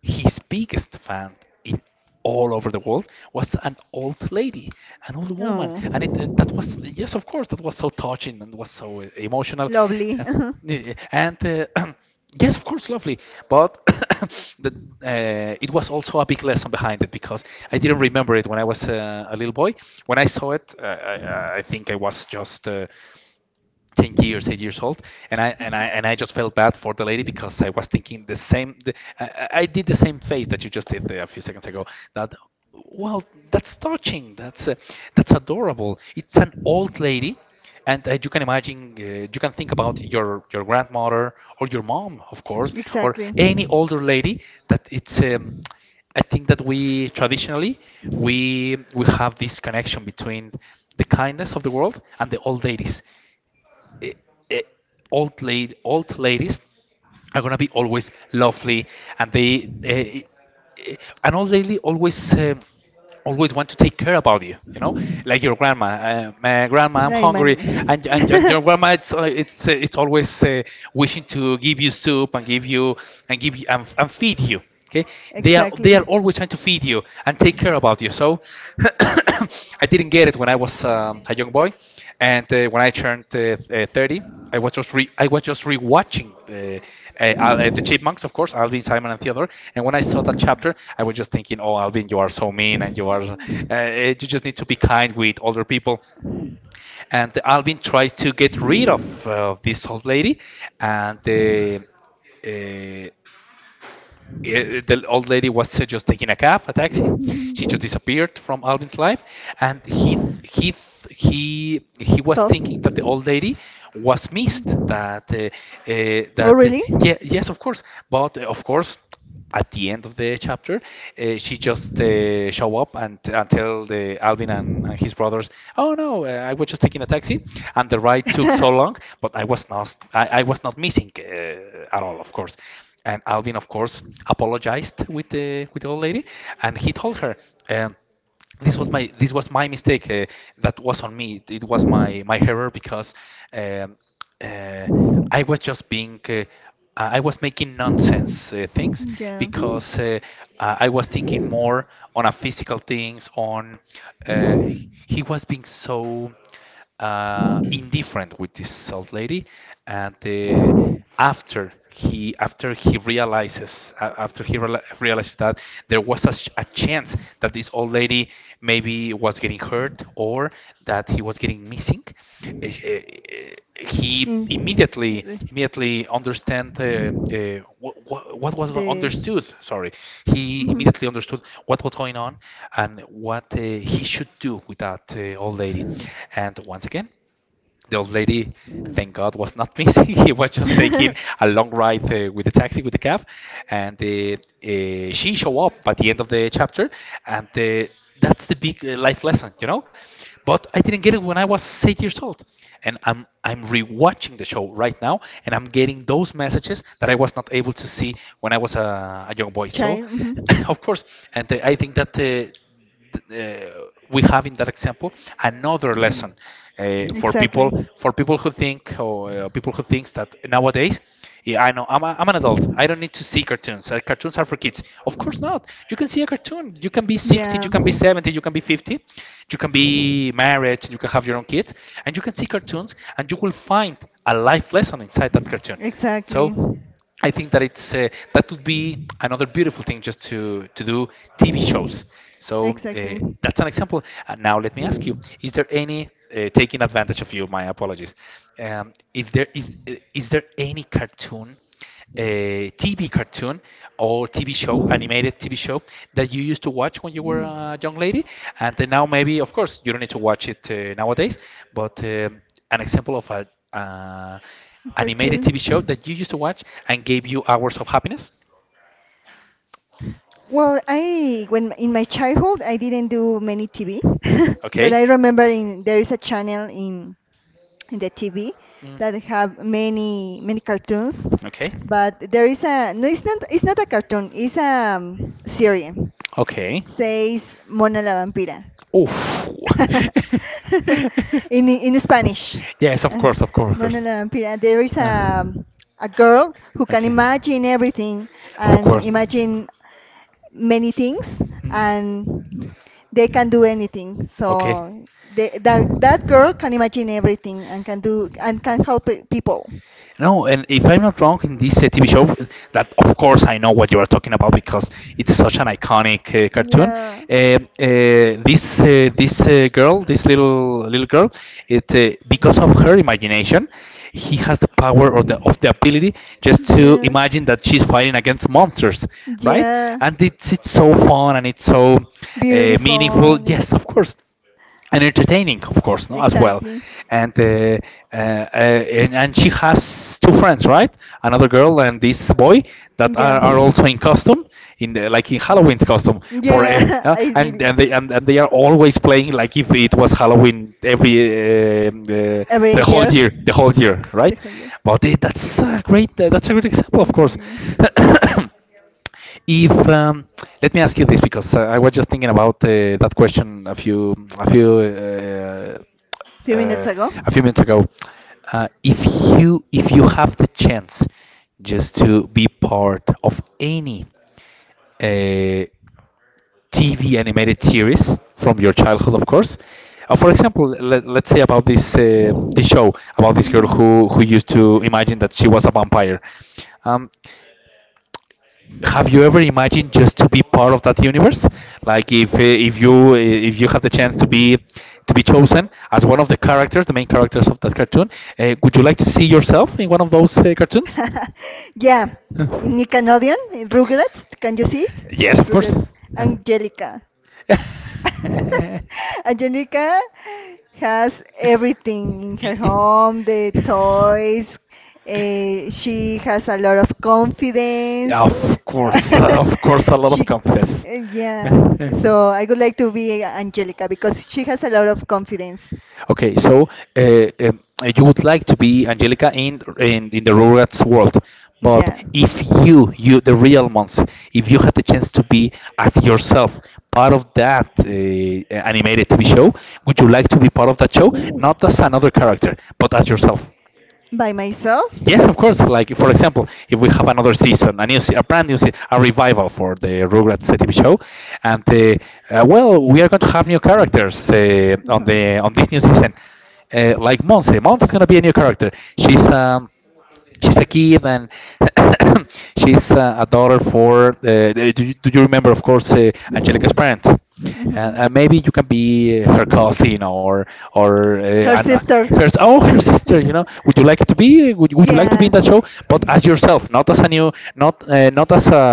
S1: his biggest fan in all over the world was an old lady, an old woman, and it, uh,
S2: Oh,
S1: that was, yes, of course, that was so touching and was so uh, emotional,
S2: lovely.
S1: uh, yeah, and uh, yes, of course, lovely. But the, uh, it was also a big lesson behind it, because I didn't remember it when I was uh, a little boy. When I saw it, uh, I, I I think I was just uh, ten years, eight years old, and i and i and i just felt bad for the lady because I was thinking the same, the, I, I- did the same face that you just did a few seconds ago, that, well, that's touching, that's uh, that's adorable, it's an old lady, and uh, you can imagine, uh, you can think about your your grandmother, or your mom, of course, or
S2: Exactly.
S1: any older lady, that it's, um, I think that we traditionally, we we have this connection between the kindness of the world and the old ladies. i- i- Old lady, old ladies are gonna be always lovely, and they uh, and all really, always um, always want to take care about you. You know, like your grandma. Uh, my grandma, I'm
S2: Like my
S1: hungry,
S2: m-
S1: and and, and your grandma, it's uh, it's uh, it's always uh, wishing to give you soup, and give you and give you and, and feed you. Okay, they are they
S2: Exactly.
S1: are always trying to feed you and take care about you. So I didn't get it when I was um, a young boy, and uh, when I turned uh, th- uh, thirty. I was just re I was just rewatching the uh, uh, the Chipmunks, of course, Alvin, Simon, and Theodore. And when I saw that chapter, I was just thinking, "Oh, Alvin, you are so mean, and you are uh, eh, you just need to be kind with older people." And Alvin tries to get rid of uh, this old lady, and the uh, eh, the old lady was uh, just taking a cab, a taxi. She just disappeared from Alvin's life, and he th- he th- he he was
S2: So,
S1: thinking that the old lady was missed. That uh, uh,
S2: oh
S1: that uh,
S2: really?
S1: Yeah, yes, of course. But uh, of course, at the end of the chapter, uh, she just uh, show up and, and tell the Alvin and, and his brothers, "Oh no, uh, I was just taking a taxi, and the ride took so long, but I was not I, I was not missing uh, at all, of course." And Alvin, of course, apologized with the with the old lady, and he told her. Um, this was my this was my mistake. Uh, that was on me. It, it was my my error because um, uh, I was just being uh, I was making nonsense uh, things
S2: Yeah.
S1: because uh, uh, I was thinking more on a physical things. On uh, he was being so uh, indifferent with this old lady, and uh, after he after he realizes uh, after he reali realizes that there was a, ch- a chance that this old lady maybe was getting hurt or that he was getting missing, uh, he
S2: Mm.
S1: immediately
S2: The.
S1: immediately understand uh, uh, what, what was understood sorry he
S2: Mhm.
S1: immediately understood what was going on and what uh, he should do with that uh, old lady. And once again, the old lady, thank God, was not missing. He was just taking a long ride uh, with the taxi, with the cab, and uh, uh, she show up by the end of the chapter, and uh, that's the big uh, life lesson, you know. But I didn't get it when I was eight years old, and I'm I'm rewatching the show right now, and I'm getting those messages that I was not able to see when I was a, a young boy. So,
S2: Child. Mhm.
S1: of course, and uh, I think that. Uh, uh, we have in that example another lesson uh, for
S2: Exactly.
S1: people for people who think or uh, people who thinks that nowadays yeah, I know I'm, a, I'm an adult, I don't need to see cartoons, uh, cartoons are for kids, of course not, you can see a cartoon, you can be sixty, you
S2: Yeah.
S1: can be seventy, you can be fifty, you can be married, you can have your own kids, and you can see cartoons and you will find a life lesson inside that cartoon. So
S2: Exactly.
S1: I think that it's uh, that would be another beautiful thing, just to to do T V shows. So uh,
S2: Exactly.
S1: that's an example. And now let me ask you: Is there any uh, taking advantage of you? My apologies. Um, if there is, uh, is there any cartoon, a T V cartoon or T V show, animated T V show that you used to watch when you were a young lady, and then now maybe, of course, you don't need to watch it uh, nowadays, but um, an example of a uh, animated T V
S2: Cartoons.
S1: show that you used to watch and gave you hours of happiness?
S2: Well, I when in my childhood I didn't do many T V, but
S1: Okay.
S2: I remember in there is a channel in in the T V
S1: Mm.
S2: that have many many cartoons,
S1: Okay.
S2: but there is a no, it's not it's not a cartoon, it's a um, series.
S1: Okay.
S2: It says Mona la Vampira
S1: Oof.
S2: in in Spanish.
S1: Yes, of
S2: Uh,
S1: course, of course, of course.
S2: Mona la Vampira. There is a
S1: Uh,
S2: um, a girl who can
S1: okay.
S2: imagine everything
S1: Of
S2: and
S1: course. Mm.
S2: imagine many things and they can do anything.
S1: Okay.
S2: So they, that that girl can imagine everything and can do and can help pe- people.
S1: No, and if I'm not wrong, in this uh, T V show, that of course I know what you are talking about because it's such an iconic uh, cartoon.
S2: Yeah,
S1: Uh, uh, this uh, this uh, girl, this little little girl, it uh, because of her imagination, he has the power or the of the ability just to
S2: yeah,
S1: imagine that she's fighting against monsters, right?
S2: yeah.
S1: And it's it's so fun and it's so uh, meaningful.
S2: Beautiful. e-
S1: Yes, of course, and entertaining, of course, no, as well.
S2: Exactly.
S1: And uh, uh, uh, and, and she has two friends, right? Another girl and this boy that
S2: Yeah,
S1: are, are also in costume, in the, like in Halloween's costume for uh,
S2: yeah.
S1: uh,
S2: I did
S1: and
S2: it
S1: and they and, and they are always playing like if it was Halloween every uh, uh,
S2: every
S1: the whole
S2: year.
S1: year, the whole year,
S2: The
S1: right?
S2: whole year.
S1: But it, that's a great uh, that's a great example, of course.
S2: Okay.
S1: If um, let me ask you this because uh, I was just thinking about uh, that question a few a few. Uh,
S2: Few minutes
S1: uh,
S2: ago.
S1: a few minutes ago. Uh, if you if you have the chance just to be part of any uh, T V animated series from your childhood, of course. Uh, for example, let, let's say about this uh, this show about this girl
S2: Mhm.
S1: who who used to imagine that she was a vampire. Um, have you ever imagined just to be part of that universe like if uh, if you uh, if you had the chance to be to be chosen as one of the characters, the main characters of that cartoon, uh, would you like to see yourself in one of those uh, cartoons?
S2: Yeah, in Nickelodeon, Rugrats, can you see it?
S1: Yes, of course.
S2: Rugrats,
S1: Uh,
S2: Angelica. Angelica has everything in
S1: Y-
S2: her
S1: y-
S2: home, the toys. eh, she has a lot of confidence.
S1: yeah, of course, uh, of course, a lot of
S2: she,
S1: confess.
S2: eh, yeah. So I would like to be Angelica because she has a lot of confidence.
S1: Okay, so uh, um, you would like to be Angelica in in, in the Rugrats world, but
S2: Yeah.
S1: if you you the real monster, if you had the chance to be as yourself part of that uh, animated T V show, would you like to be part of that show, not as another character, but as yourself?
S2: By myself.
S1: Yes, of course. Like for example, if we have another season, a new, se- a brand new, se- a revival for the Rugrats uh, T V show, and uh, uh, well, we are going to have new characters uh, on
S2: Uh-huh.
S1: the on this new season. Uh, like Monse, Monse is going to be a new character. She's um, she's a kid and she's uh, a daughter for uh, do, you, do you remember, of course, uh, angelica's parents, and
S2: Mhm.
S1: uh, maybe you can be her cousin or or uh,
S2: Her
S1: an, uh, her,
S2: sister.
S1: oh, her sister, you know, would you like it to be, would you, would you like to be
S2: Yeah.
S1: in that show but as yourself, not as a new, not uh, not as a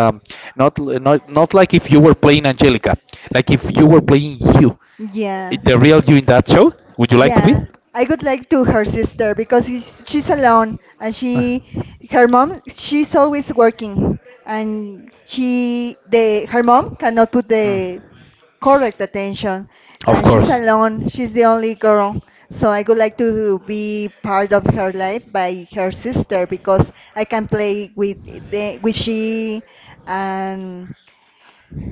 S1: not, not not like if you were playing angelica, like if you were playing you,
S2: Yeah.
S1: the real you in that show, would you like to be
S2: Yeah, I would like to her sister because she's, she's alone and she her mom she's always working, and she the her mom cannot put the correct attention,
S1: of
S2: and she's alone. She's the only girl. So I would like to be part of her life by her sister because I can play with the with she and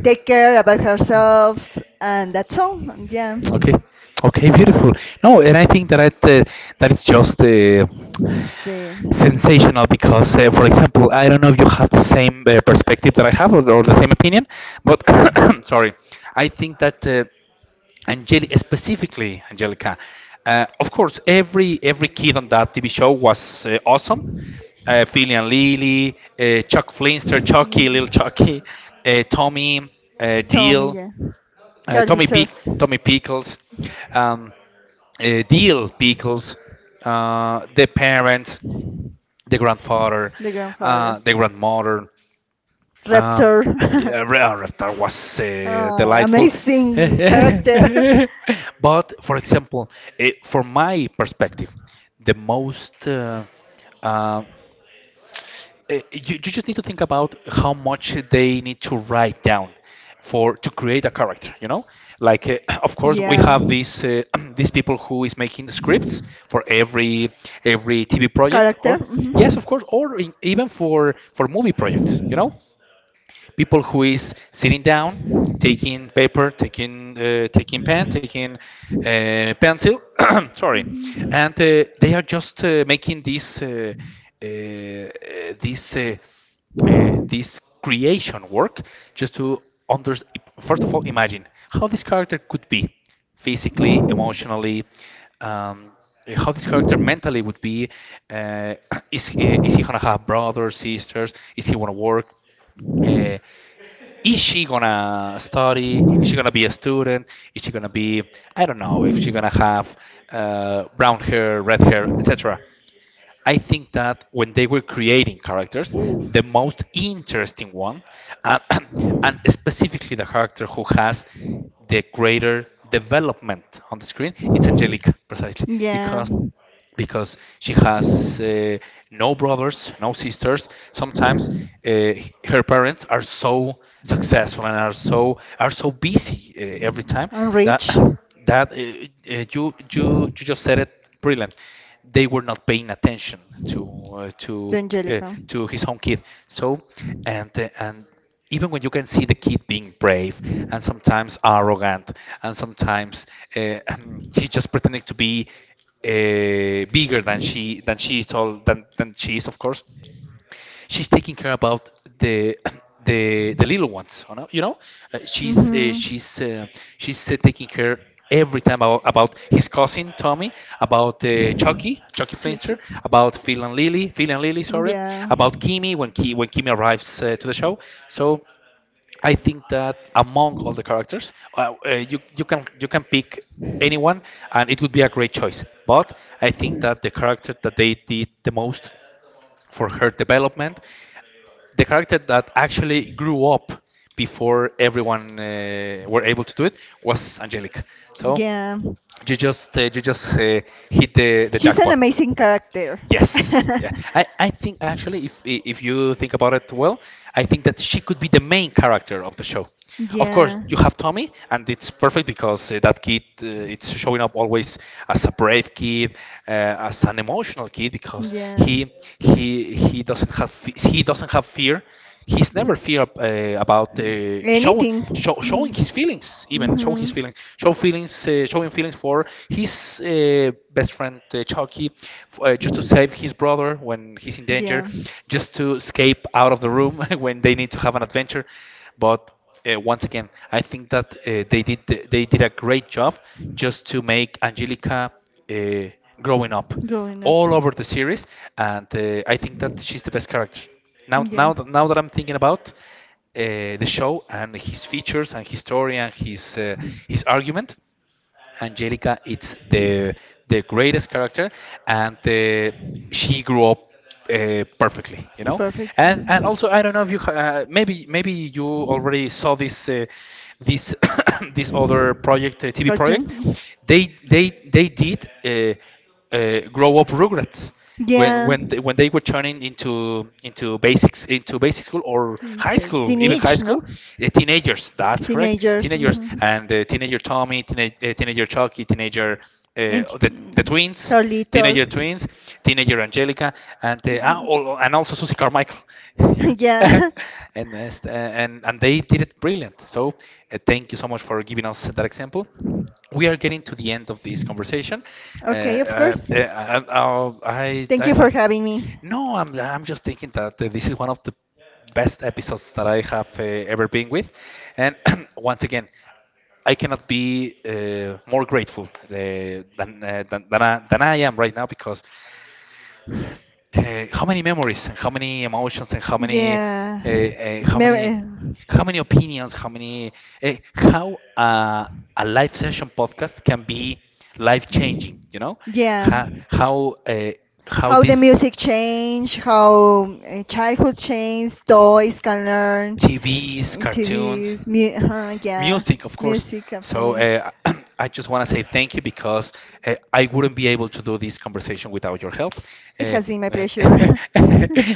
S2: take care about herself and that's all. And yeah.
S1: Okay. Okay, beautiful. No, and I think that I, uh, that is just uh,
S2: The.
S1: sensational because, uh, for example, I don't know if you have the same uh, perspective that I have, or, or the same opinion, but sorry, I think that uh, Angeli specifically Angelica, uh, of course, every every kid on that T V show was uh, awesome. Uh, Philly and Lily, uh, Chuck Flinster, Chucky, Little
S2: Mm.
S1: Chucky, uh, Tommy, uh,
S2: Tommy,
S1: Deal,
S2: yeah.
S1: uh, Tommy Pick,
S2: Carlitos,
S1: Tommy Pickles, um, uh, Deal Pickles, uh, the parents, the grandfather,
S2: the grandfather.
S1: uh, the grandmother. Um,
S2: Raptor.
S1: yeah, re- uh, that was uh,
S2: Ah,
S1: delightful.
S2: amazing character.
S1: But for example, it, for my perspective, the most uh, uh, uh, you, you just need to think about how much they need to write down for to create a character, you know, like uh, of course we
S2: Yeah.
S1: have these uh, these people who is making scripts for every every tv project
S2: Character.
S1: or yes
S2: Mhm.
S1: of course or in, even for for movie projects you know people who is sitting down, taking paper, taking uh, taking pen, taking uh, pencil, sorry,
S2: Mhm.
S1: and uh, they are just uh, making this uh, uh, uh, this uh, uh, this creation work just to under, first of all, imagine how this character could be physically, emotionally, um, how this character mentally would be. Uh, is he, is he gonna have brothers, sisters? Is he gonna work? Uh, is she gonna study? Is she gonna be a student? Is she gonna be, I don't know, if she gonna have uh, brown hair, red hair, et cetera. I think that when they were creating characters, the most interesting one, and, and specifically the character who has the greater development on the screen, it's Angelica, precisely,
S2: Yeah.
S1: because because she has uh, no brothers, no sisters. Sometimes uh, her parents are so successful and are so are so busy uh, every time
S2: And
S1: that
S2: rich, to
S1: that uh, uh, you you you just said it brilliant. They were not paying attention to uh, to uh,
S2: Angelica.
S1: to his own kid. So and uh, and even when you can see the kid being brave and sometimes arrogant and sometimes uh, he's just pretending to be uh, bigger than she than she is all than, than she is, of course. She's taking care about the the the little ones, you know, you know, uh, she's uh,
S2: Mm-hmm.
S1: she's uh, she's uh, taking care every time about, about his cousin Tommy, about uh, Chucky Chucky
S2: The
S1: Flinster,
S2: chick.
S1: about Phil and Lily Phil and Lily, sorry,
S2: Yeah.
S1: about Kimmy, when Ki, when Kimmy arrives uh, to the show. So I think that among all the characters, uh, uh, you you can you can pick anyone, and it would be a great choice. But I think that the character that they did the most for her development, the character that actually grew up before everyone uh, were able to do it, was Angelica. So
S2: Yeah.
S1: you just uh, you just uh, hit the the
S2: She's an
S1: jackpot.
S2: amazing character.
S1: Yes. Yeah. I, I think actually if i- if you think about it well, I think that she could be the main character of the show. Of course,
S2: Yeah.
S1: you have Tommy, and it's perfect because uh, that kid uh, it's showing up always as a brave kid, uh, as an emotional kid because
S2: Yeah.
S1: he he he doesn't have fe- he doesn't have fear, he's never fear ab- uh, about uh, showing
S2: Anything.
S1: show,
S2: Mm-hmm.
S1: showing his feelings, even show his
S2: Mm-hmm.
S1: feelings, show feelings, uh, showing feelings for his uh, best friend uh, Chucky, f- uh, just to save his brother when he's in danger,
S2: Yeah.
S1: just to escape out of the room when they need to have an adventure. But uh, once again, I think that uh, they did they did a great job just to make Angelica uh, growing up
S2: Growing up.
S1: all over the series, and uh, I think that she's the best character. Now,
S2: Yeah,
S1: now, that- now that I'm thinking about uh, the show and his features and his story and his uh, his argument, Angelica it's the the greatest character, and uh, she grew up uh, perfectly, you know.
S2: perfect.
S1: And and
S2: Mhm.
S1: also I don't know if you ha- uh, maybe maybe you already saw this uh, this this other project uh, T V project.
S2: Cartoon.
S1: They they they did. Uh, uh, grow up Rugrats when
S2: Yeah,
S1: when they, when they were turning into into basics into basic school or
S2: it's,
S1: high
S2: uh,
S1: school, even high
S2: teenage, no?
S1: school, uh, teenagers, that's correct,
S2: Teenagers.
S1: teenagers,
S2: Mhm.
S1: and uh, teenager Tommy, teenage, uh, teenager Chucky, teenager uh,
S2: And
S1: the, the
S2: mm,
S1: twins,
S2: Carlitos.
S1: teenager twins, teenager Angelica, and uh, ah,
S2: Mhm.
S1: al- and also Susie Carmichael you know?
S2: Yeah.
S1: and, uh, and and they did it brilliant, so uh, thank you so much for giving us that example. We are getting to the end of this conversation. Uh,
S2: Okay, of
S1: uh,
S2: course.
S1: uh, uh, I,
S2: Thank
S1: I,
S2: you for
S1: I,
S2: having me.
S1: no, I'm, I'm just thinking that uh, this is one of the best episodes that I have uh, ever been with. And once again, I cannot be uh, more grateful uh, than, uh, than, than, I, than I am right now because uh, how many memories and how many emotions and how many
S2: Yeah.
S1: uh, uh, how
S2: Mem-
S1: many
S2: uh,
S1: how many opinions, how many uh, how uh, a live session podcast can be life changing, you know,
S2: yeah.
S1: how how, uh, how
S2: How the
S1: this
S2: music change, how uh, childhood change, toys can learn,
S1: T Vs,
S2: uh,
S1: cartoons,
S2: T Vs, mu- uh, yeah,
S1: music, of course.
S2: music
S1: So
S2: again.
S1: uh, I just want to say thank you because uh, I wouldn't be able to do this conversation without your help,
S2: It
S1: uh,
S2: has been my pleasure.
S1: uh,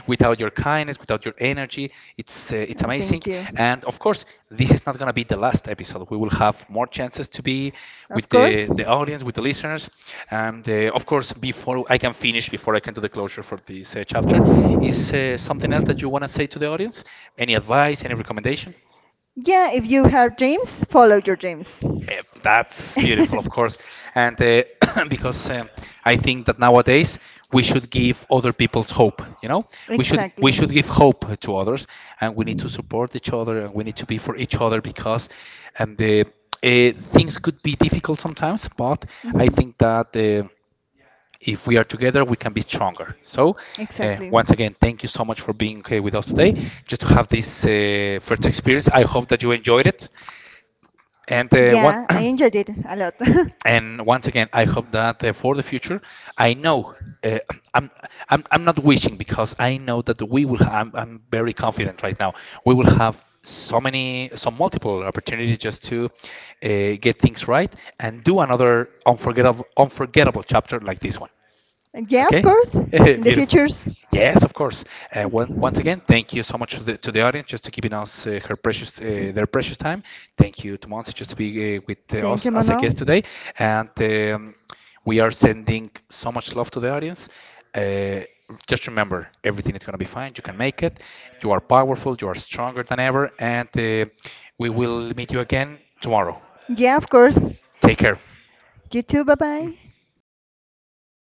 S1: without your kindness, without your energy. It's uh, it's
S2: Uh,
S1: amazing,
S2: Thank you.
S1: and of course, this is not gonna be the last episode. We will have more chances to be
S2: Of
S1: with the
S2: course.
S1: the audience, with the listeners, and uh, of course, before I can finish, before I can do the closure for this uh, chapter, is uh, something else that you want to say to the audience? Any advice? Any recommendation?
S2: Yeah, if you have dreams, follow your dreams.
S1: Eh, that's beautiful, of course, and uh, because um, I think that nowadays we should give other people's hope. You know, we should we
S2: Exactly.
S1: should give hope to others, and we need to support each other, and we need to be for each other because, and the uh, things could be difficult sometimes, but I
S2: Mhm.
S1: think that uh, if we are together, we can be stronger. So, uh,
S2: Exactly.
S1: once again, thank you so much for being here with us today. Just to have this uh, first experience, I hope that you enjoyed it. And uh, one
S2: Yeah, I enjoyed it a lot.
S1: and once again, I hope that uh, for the future, I know uh, I'm, I'm I'm not wishing because I know that we will. Ha- I'm I'm very confident right now. We will have so many, so multiple opportunities just to uh, get things right and do another unforgettable unforgettable chapter like this one.
S2: And yeah, of
S1: Okay,
S2: course. In the
S1: beautiful.
S2: futures.
S1: Yes, of course. Uh,
S2: Okay.
S1: one, once again, thank you so much to the, to the audience just to giving us uh, her precious uh, their precious time. Thank you to Monse just to be uh, with uh,
S2: Thank
S1: us
S2: you,
S1: as a
S2: Manuel.
S1: guest today, and um, we are sending so much love to the audience. Uh, just remember, everything is going to be fine. You can make it. You are powerful. You are stronger than ever, and uh, we will meet you again tomorrow.
S2: Yeah, of course.
S1: Take care.
S2: You too. Bye bye.